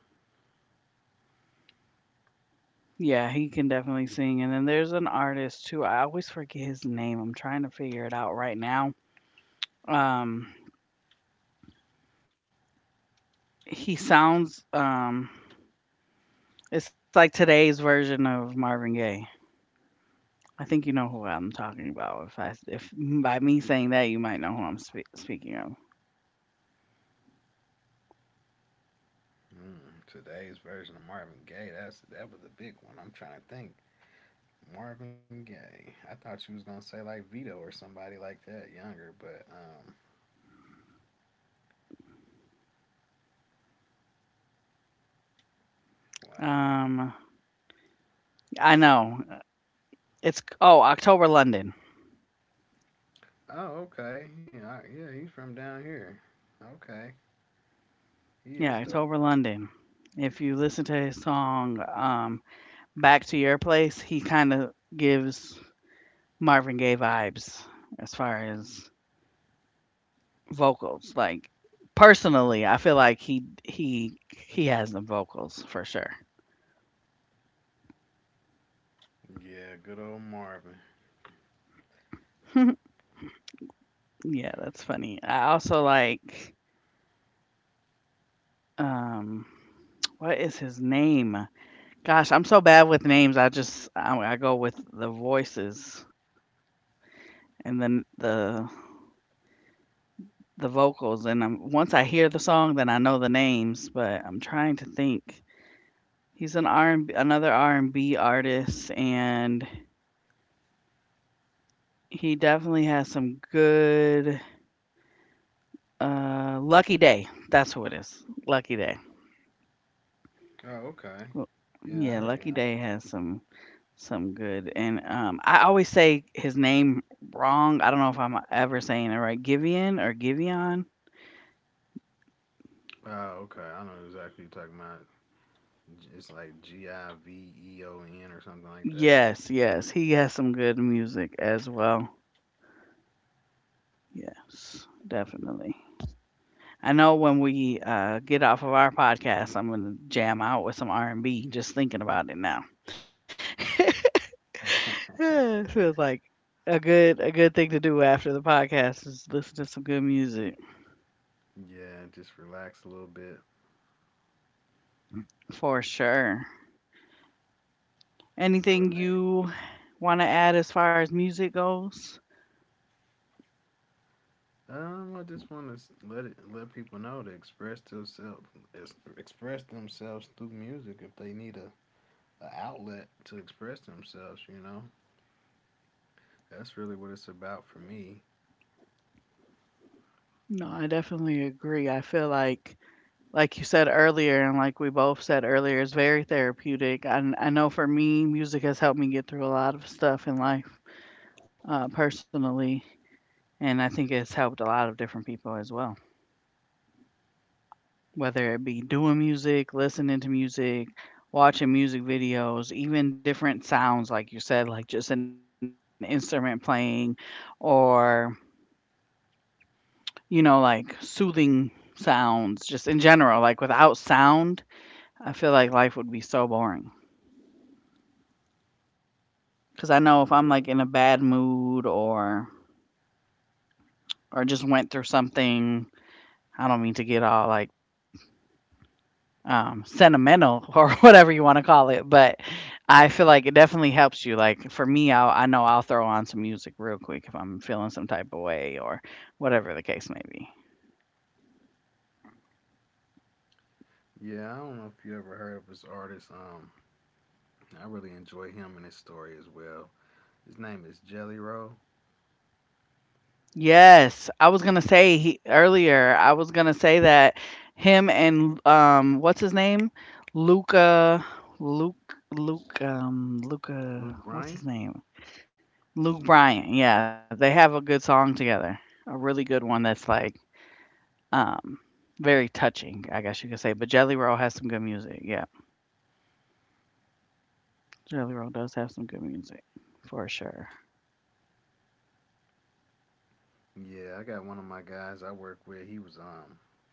S1: Yeah, he can definitely sing. And then there's an artist too. I always forget his name. I'm trying to figure it out right now. Um, He sounds it's like today's version of Marvin Gaye. I think you know who I'm talking about. If by me saying that, you might know who I'm speaking of.
S2: mm, today's version of Marvin Gaye. That was a big one. I'm trying to think. Marvin Gaye. I thought you was gonna say like Vito or somebody like that younger, but wow.
S1: Um I know. It's oh, October London.
S2: Oh, okay. Yeah, he's from down here. Okay, he
S1: Yeah,
S2: is
S1: October
S2: dope.
S1: London. If you listen to his song Back to Your Place, he kind of gives Marvin Gaye vibes as far as vocals, like, personally, I feel like he has the vocals for sure.
S2: Yeah, good old Marvin.
S1: Yeah, that's funny. I also like, um, what is his name? Gosh, I'm so bad with names. I just I go with the voices and then the vocals. And I'm, once I hear the song, then I know the names. But I'm trying to think. He's an R and B, another R and B artist, and he definitely has some good. Lucky Day. That's who it is. Lucky Day.
S2: Oh,
S1: L-
S2: okay.
S1: Yeah,
S2: Yeah,
S1: Lucky
S2: I heard
S1: Day
S2: of him.
S1: has some good, and, I always say his name wrong, I don't know if I'm ever saying it right, Givian or Givion?
S2: Oh, okay. I know exactly what you're talking about. It's like Giveon or something like
S1: Yes,
S2: that.
S1: yes, he has some good music as well. Yes, definitely. I know when we, get off of our podcast, I'm gonna jam out with some R&B, just thinking about it now. Yeah, it feels like a good thing to do after the podcast is listen to some good music,
S2: Yeah, just relax a little bit,
S1: for sure. Anything
S2: or
S1: you wanna add as far as music goes?
S2: I just want to let people know to express themselves express themselves through music if they need a outlet to express themselves. You know, that's really what it's about for me.
S1: No, I definitely agree. I feel like you said earlier, and like we both said earlier, it's very therapeutic. I know for me, music has helped me get through a lot of stuff in life, personally, and I think it's helped a lot of different people as well. Whether it be doing music, listening to music, watching music videos, even different sounds, like you said, like just an instrument playing, or you know, like soothing sounds, just in general, like without sound I feel like life would be so boring, cause I know if I'm, like, in a
S2: Yeah.
S1: bad mood or just went through something. I don't mean to get all, like, sentimental or whatever you wanna call it, but I feel like it definitely helps you, like, for me, I know I'll throw on some music real quick if I'm feeling some type of way or whatever the case may be.
S2: Yeah, I don't know if you ever heard of this artist. I really enjoy him and his story as well. His name is Jelly Roll.
S1: Yes, I was gonna say he earlier. I was gonna say that him and what's his name, Luca, Luca. What's
S2: Luke
S1: his
S2: Bryan.
S1: name? Luke Bryant. Yeah, they have a good song together. A really good one that's like um, very touching, I guess you could say. But Jelly Roll has some good music. Yeah, Jelly Roll does have some good music for sure.
S2: Yeah, I got one of my guys I work with. He was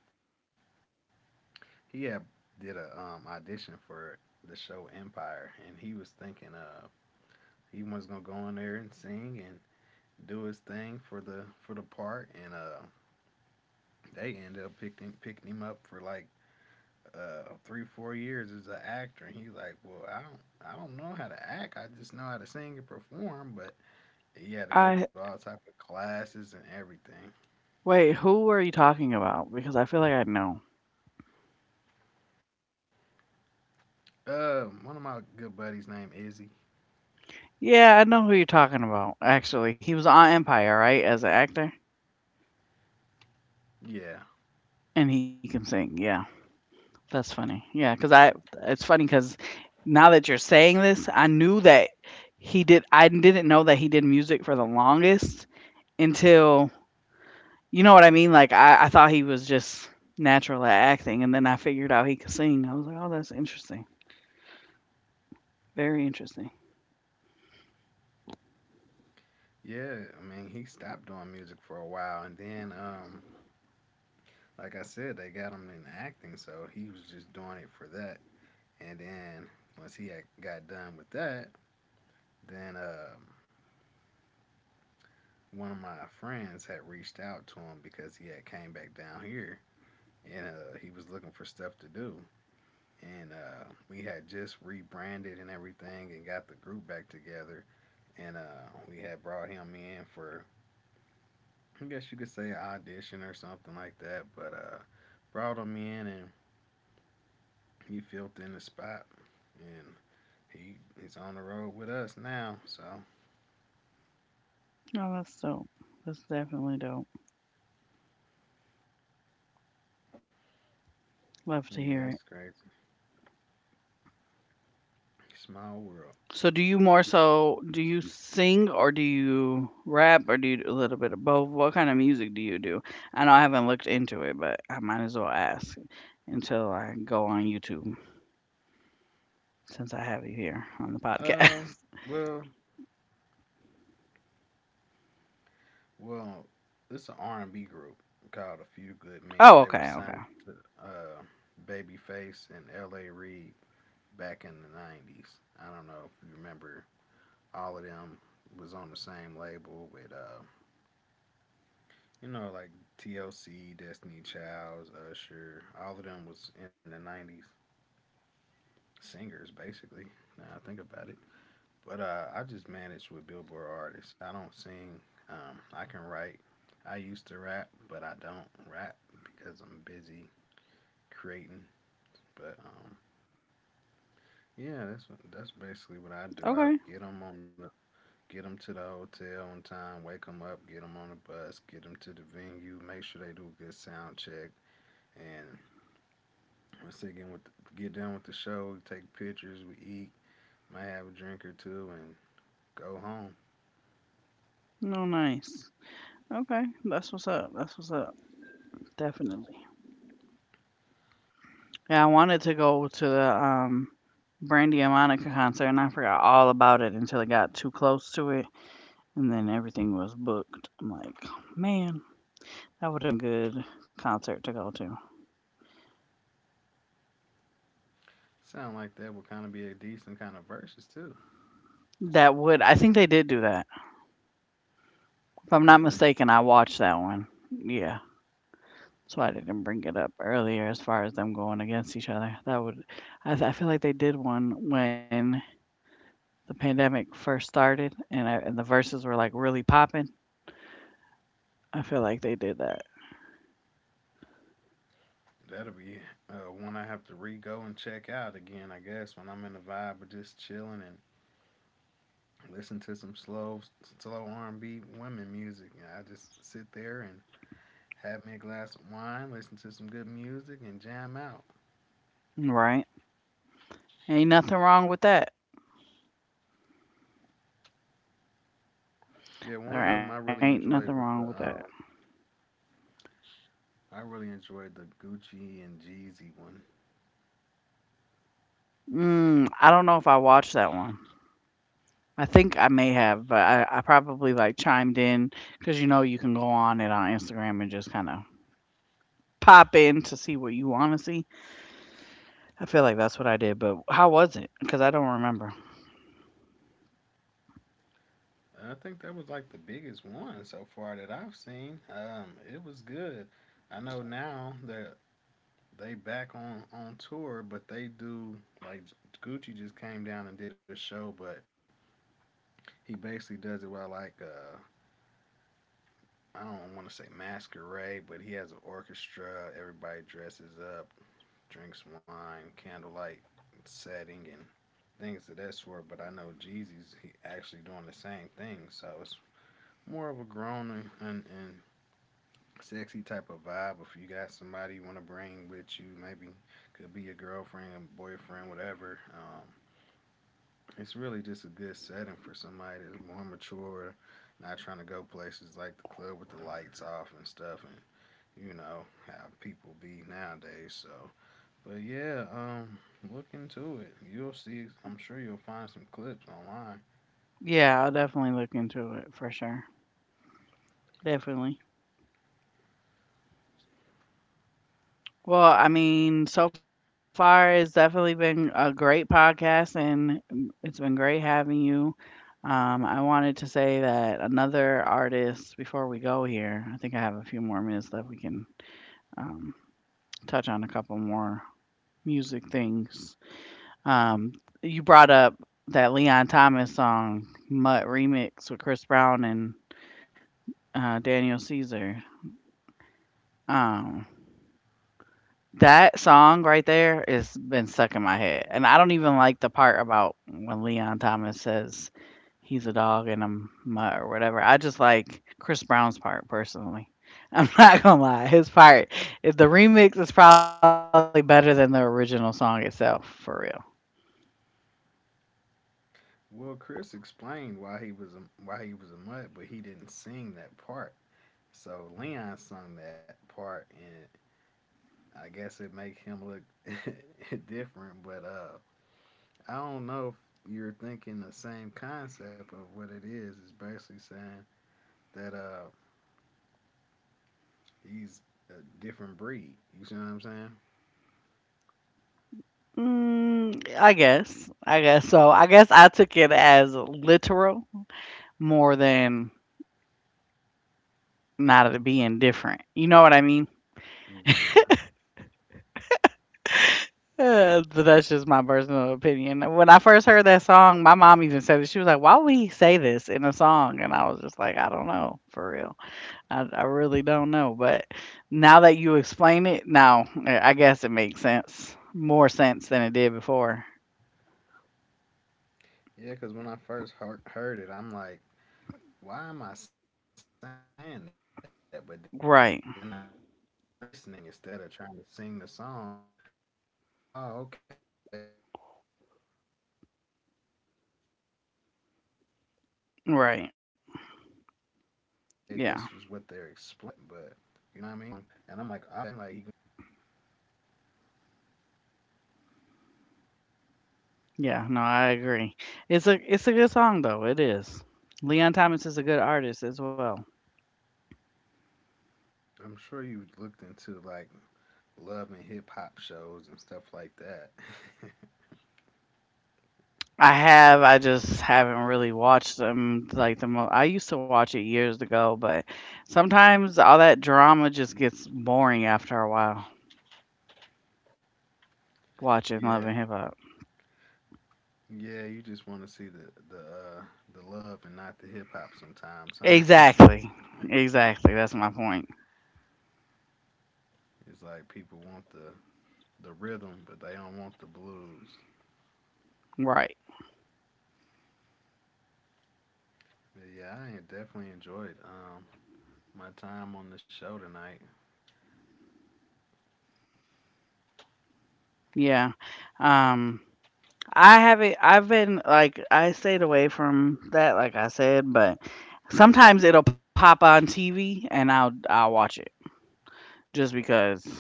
S2: he had did a audition for the show Empire, and he was thinking of he was gonna go on there and sing and do his thing for the part, and they ended up picking him up for like 3 or 4 years as an actor, and he's like, well, I don't know how to act, I just know how to sing and perform, but he had to
S1: I
S2: go through all type of classes and everything.
S1: Wait, who are you talking about? Because I feel like I know.
S2: One of my good buddies named Izzy.
S1: Yeah, I know who you're talking about, actually. He was on Empire, right, as an actor?
S2: Yeah,
S1: And he can sing, yeah. That's funny. Yeah, because I it's funny because now that you're saying this, I knew that he did I didn't know that he did music for the longest until you know what I mean? Like, I thought he was just natural at acting, and then I figured out he could sing. I was like, "Oh, that's interesting. Very interesting.
S2: yeah. I mean, he stopped doing music for a while, and then like I said, they got him in acting, so he was just doing it for that. And then once he had got done with that, then one of my friends had reached out to him because he had came back down here and he was looking for stuff to do. And we had just rebranded and everything and got the group back together. And we had brought him in for, I guess you could say, an audition or something like that. But brought him in and he filled in the spot. And he is on the road with us now. So,
S1: Oh, that's dope. That's definitely dope. Love to hear it."
S2: yeah, it's crazy. Small
S1: So
S2: world.
S1: do you sing or do you rap or do you do a little bit of both? What kind of music do you do? I know I haven't looked into it, but I might as well ask until I go on YouTube since I have you here on the
S2: Um,
S1: podcast.
S2: well, well, it's an R and B group called A Few Good
S1: Oh,
S2: Men. They were
S1: okay, okay.
S2: signed to uh, Babyface and L.A. Reid back in the '90s. I don't know if you remember. All of them was on the same label with you know, like TLC, Destiny Childs, Usher. All of them was in the '90s singers, basically. Now I think about it. But I just manage with Billboard artists. I don't sing. I can write. I used to rap, but I don't rap because I'm busy creating. But yeah, that's
S1: Okay.
S2: basically what I do. I get them to the hotel on time, wake them up, get them on the bus, get them to the venue, make sure they do a good sound check, and once they get done with the show, we take pictures, we eat, might have a drink or two, and go home.
S1: No, nice. Okay. That's what's up. That's what's up. Definitely. Yeah, I wanted to go to the Brandy and Monica concert and I forgot all about it until it got too close to it. And then everything was booked. I'm like, man, that would have been a good concert to go to.
S2: Sound like that would kind of be a decent kind of verses too,
S1: That would, I think they did do that. If
S2: did
S1: I'm
S2: they?
S1: not mistaken, I watched that one. Yeah. So I didn't bring it up earlier as far as them going against each other. That would, I feel like they did one when the pandemic first started and the verses were like really popping. I feel like they did that.
S2: That'll be one I have to re go and check out again. I guess when I'm in the vibe of just chilling and listen to some slow R&B women music, and I just sit there and have me a glass of wine, listen to some good music, and jam out.
S1: Right. Ain't nothing wrong with that.
S2: Yeah, one of them I
S1: There
S2: really
S1: ain't
S2: enjoyed
S1: nothing
S2: was
S1: wrong with that.
S2: the Gucci and Jeezy one.
S1: Mm, I don't know if I watched that one. I think I may have, but I probably like chimed in because you know you can go on it on Instagram and just kind of pop in to see what you want to see. I feel like that's what I did, but how was it? Because I don't remember.
S2: I think that was like the biggest one so far that I've seen. It was good. I know now that they back on tour, but they do like Gucci just came down and did a show, but he basically does it while I don't want to say masquerade, but he has an orchestra. Everybody dresses up, drinks wine, candlelight setting, and things of that sort. But I know Jeezy's he actually doing the same thing, so it's more of a grown and sexy type of vibe. If you got somebody you want to bring with you, maybe could be your girlfriend, boyfriend, whatever. It's really just a good setting for somebody that's more mature, not trying to go places like the club with the lights off and stuff, and you know how people be nowadays. So, but yeah, um, look into it. You'll see. I'm sure you'll find some clips online.
S1: Yeah, I'll definitely look into it for sure. Definitely. Well, I mean, so far it's definitely been a great podcast and it's been great having you. I wanted to say that another artist before we go here, I think I have a few more minutes left we can um, touch on a couple more music things. Um, you brought up that Leon Thomas song "Mutt" remix with Chris Brown and Daniel Caesar. Um, that song right there has been stuck in my head, and I don't even like the part about when Leon Thomas says he's a dog and I'm mutt or whatever. I just like Chris Brown's part personally. I'm not gonna lie, his part, the remix is probably better than the original song itself, for real.
S2: Well, Chris explained why he was a mutt, but he didn't sing that part. So Leon sung that part, and I guess it make him look different. But I don't know if you're thinking the same concept of what it is. It's basically saying that he's a different breed. You see what I'm saying?
S1: Mm, I guess. I guess so. I guess I took it as literal more than not it being different. You know what I mean?
S2: Yeah,
S1: But that's just my personal opinion. When I first heard that song, my mom even said it. She was like, "Why would he say this in a song?" And I was just like, "I don't know, for real. I really don't know." But now that you explain it, now I guess it makes sense, more sense than it did before.
S2: yeah. Because when I first heard it, I'm like, why am I saying that? But then I start listening instead of
S1: Right.
S2: trying to sing the song. And I'm like, oh, okay, this is what they're explaining. And people can relate to that. But he's basically saying he's a different breed.
S1: Right.
S2: He a dog. You know what I mean? Like, he
S1: Yeah.
S2: going hard.
S1: Yeah, no, I agree. It's a good song though. It is. Leon Thomas is a good artist as well.
S2: I'm sure you looked into, like, love and hip hop shows and stuff like that.
S1: I have. I just haven't really watched them like the most. I used to watch it years ago, but sometimes all that drama just gets boring after a while. Watching
S2: Yeah.
S1: Love and Hip Hop.
S2: Yeah, you just want to see the love and not the hip hop sometimes, huh?
S1: Exactly. Exactly. That's my point.
S2: It's like people want the rhythm, but they don't want the blues.
S1: Right.
S2: But yeah, I definitely enjoyed my time on the show tonight.
S1: Yeah. Um. I haven't. I've been like I stayed away from that, like I said, but sometimes it'll pop on TV and I'll watch it just because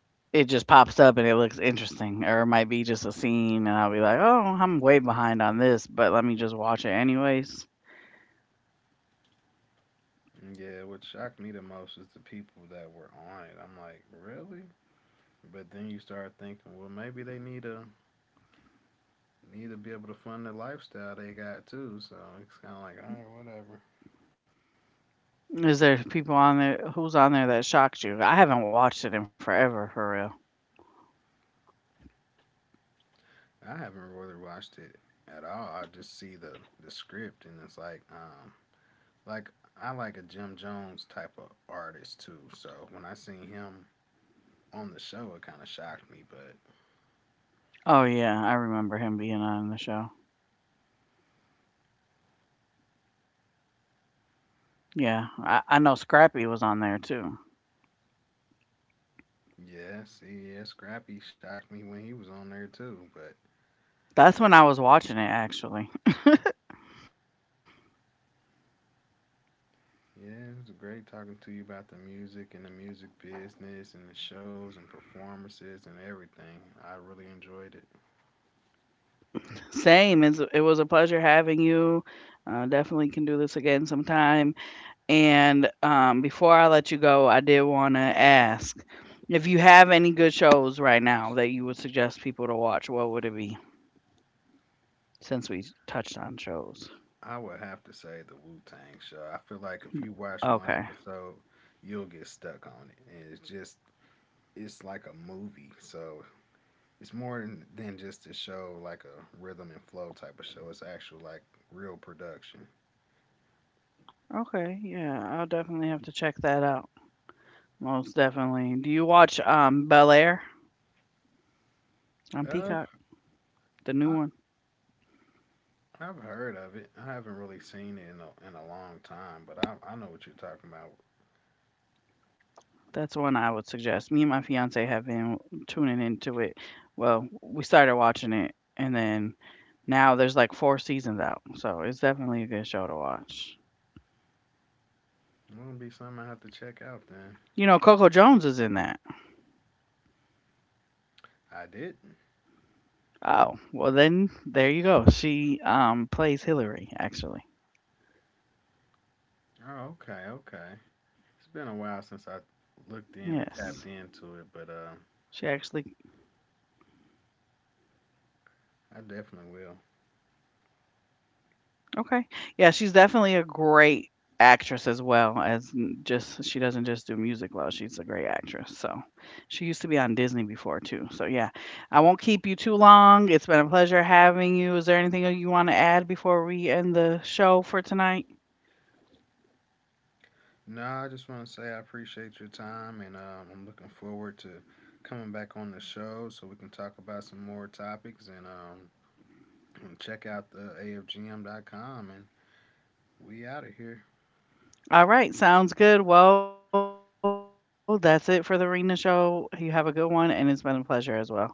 S1: it just pops up and it looks interesting, or it might be just a scene and I'll be like, oh, I'm way behind on this, but let me just watch it anyways.
S2: Mm, yeah, what shocked me the most is the people that were on it. I'm like, really? But then you start thinking, well, maybe they need to be able to fund the lifestyle they got too. So it's kind of like, all right, whatever.
S1: Is there people on there who's on there that shocked you? I haven't watched it in forever, for real.
S2: I haven't really watched it at all. I just see the script and it's like, like I like a Jim Jones type of artist too. So when I seen him on the show, it kind of shocked me. But
S1: Oh yeah, I remember him being on the show. Yeah, I know Scrappy was on there too.
S2: yeah, see, yeah, Scrappy shocked me when he was on there too. But
S1: That's
S2: like,
S1: when
S2: I said,
S1: I was watching it actually.
S2: yeah, it was great talking to you about the music and the music business and the shows and performances and everything. I really enjoyed it.
S1: Same. It was a pleasure having you. Definitely can do this again sometime. And before I let you go, I did want to ask if you have any good shows right now that you would suggest people to watch. What would it be? Since we touched on shows.
S2: I would have to say the Wu Tang show. I feel like if you watch one
S1: Okay.
S2: episode, you'll get stuck on it, and it's just it's like a movie. So it's than just a show, like a rhythm and flow type of show. It's actual like real production.
S1: Okay. Yeah, I'll definitely have to check that out. Most definitely. Do you watch Bel Air on
S2: Uh,
S1: Peacock? The new
S2: I,
S1: one.
S2: I've heard of it. I haven't really seen it in in a long time, but I know what you're talking about.
S1: That's one I would suggest. Me and my fiance have been tuning into it. Well, we started watching it, and then now there's like four seasons out, so it's definitely a good show to watch.
S2: It'll be something I have to check out then.
S1: You know, Coco Jones is in that.
S2: I did.
S1: Oh, well then there you go. She plays Hillary actually.
S2: Oh, okay, okay. It's been a while since I
S1: Yes,
S2: looked in and tapped into
S1: she
S2: it, but
S1: actually
S2: I definitely will.
S1: Okay. Yeah, she's definitely a great actress as well as just she doesn't just do music well. She's a great actress. So she used to be on Disney before too. So yeah, I won't keep you too long. It's been a pleasure having you. Is there anything you want to add before we end the show for tonight?
S2: No, I just want to say I appreciate your time, and I'm looking forward to coming back on the show so we can talk about some more topics and check out the afgm.com and we out of here.
S1: All right, sounds good. Well, that's it for the Rena show. You have a good one, and it's been a pleasure as well. See you next time.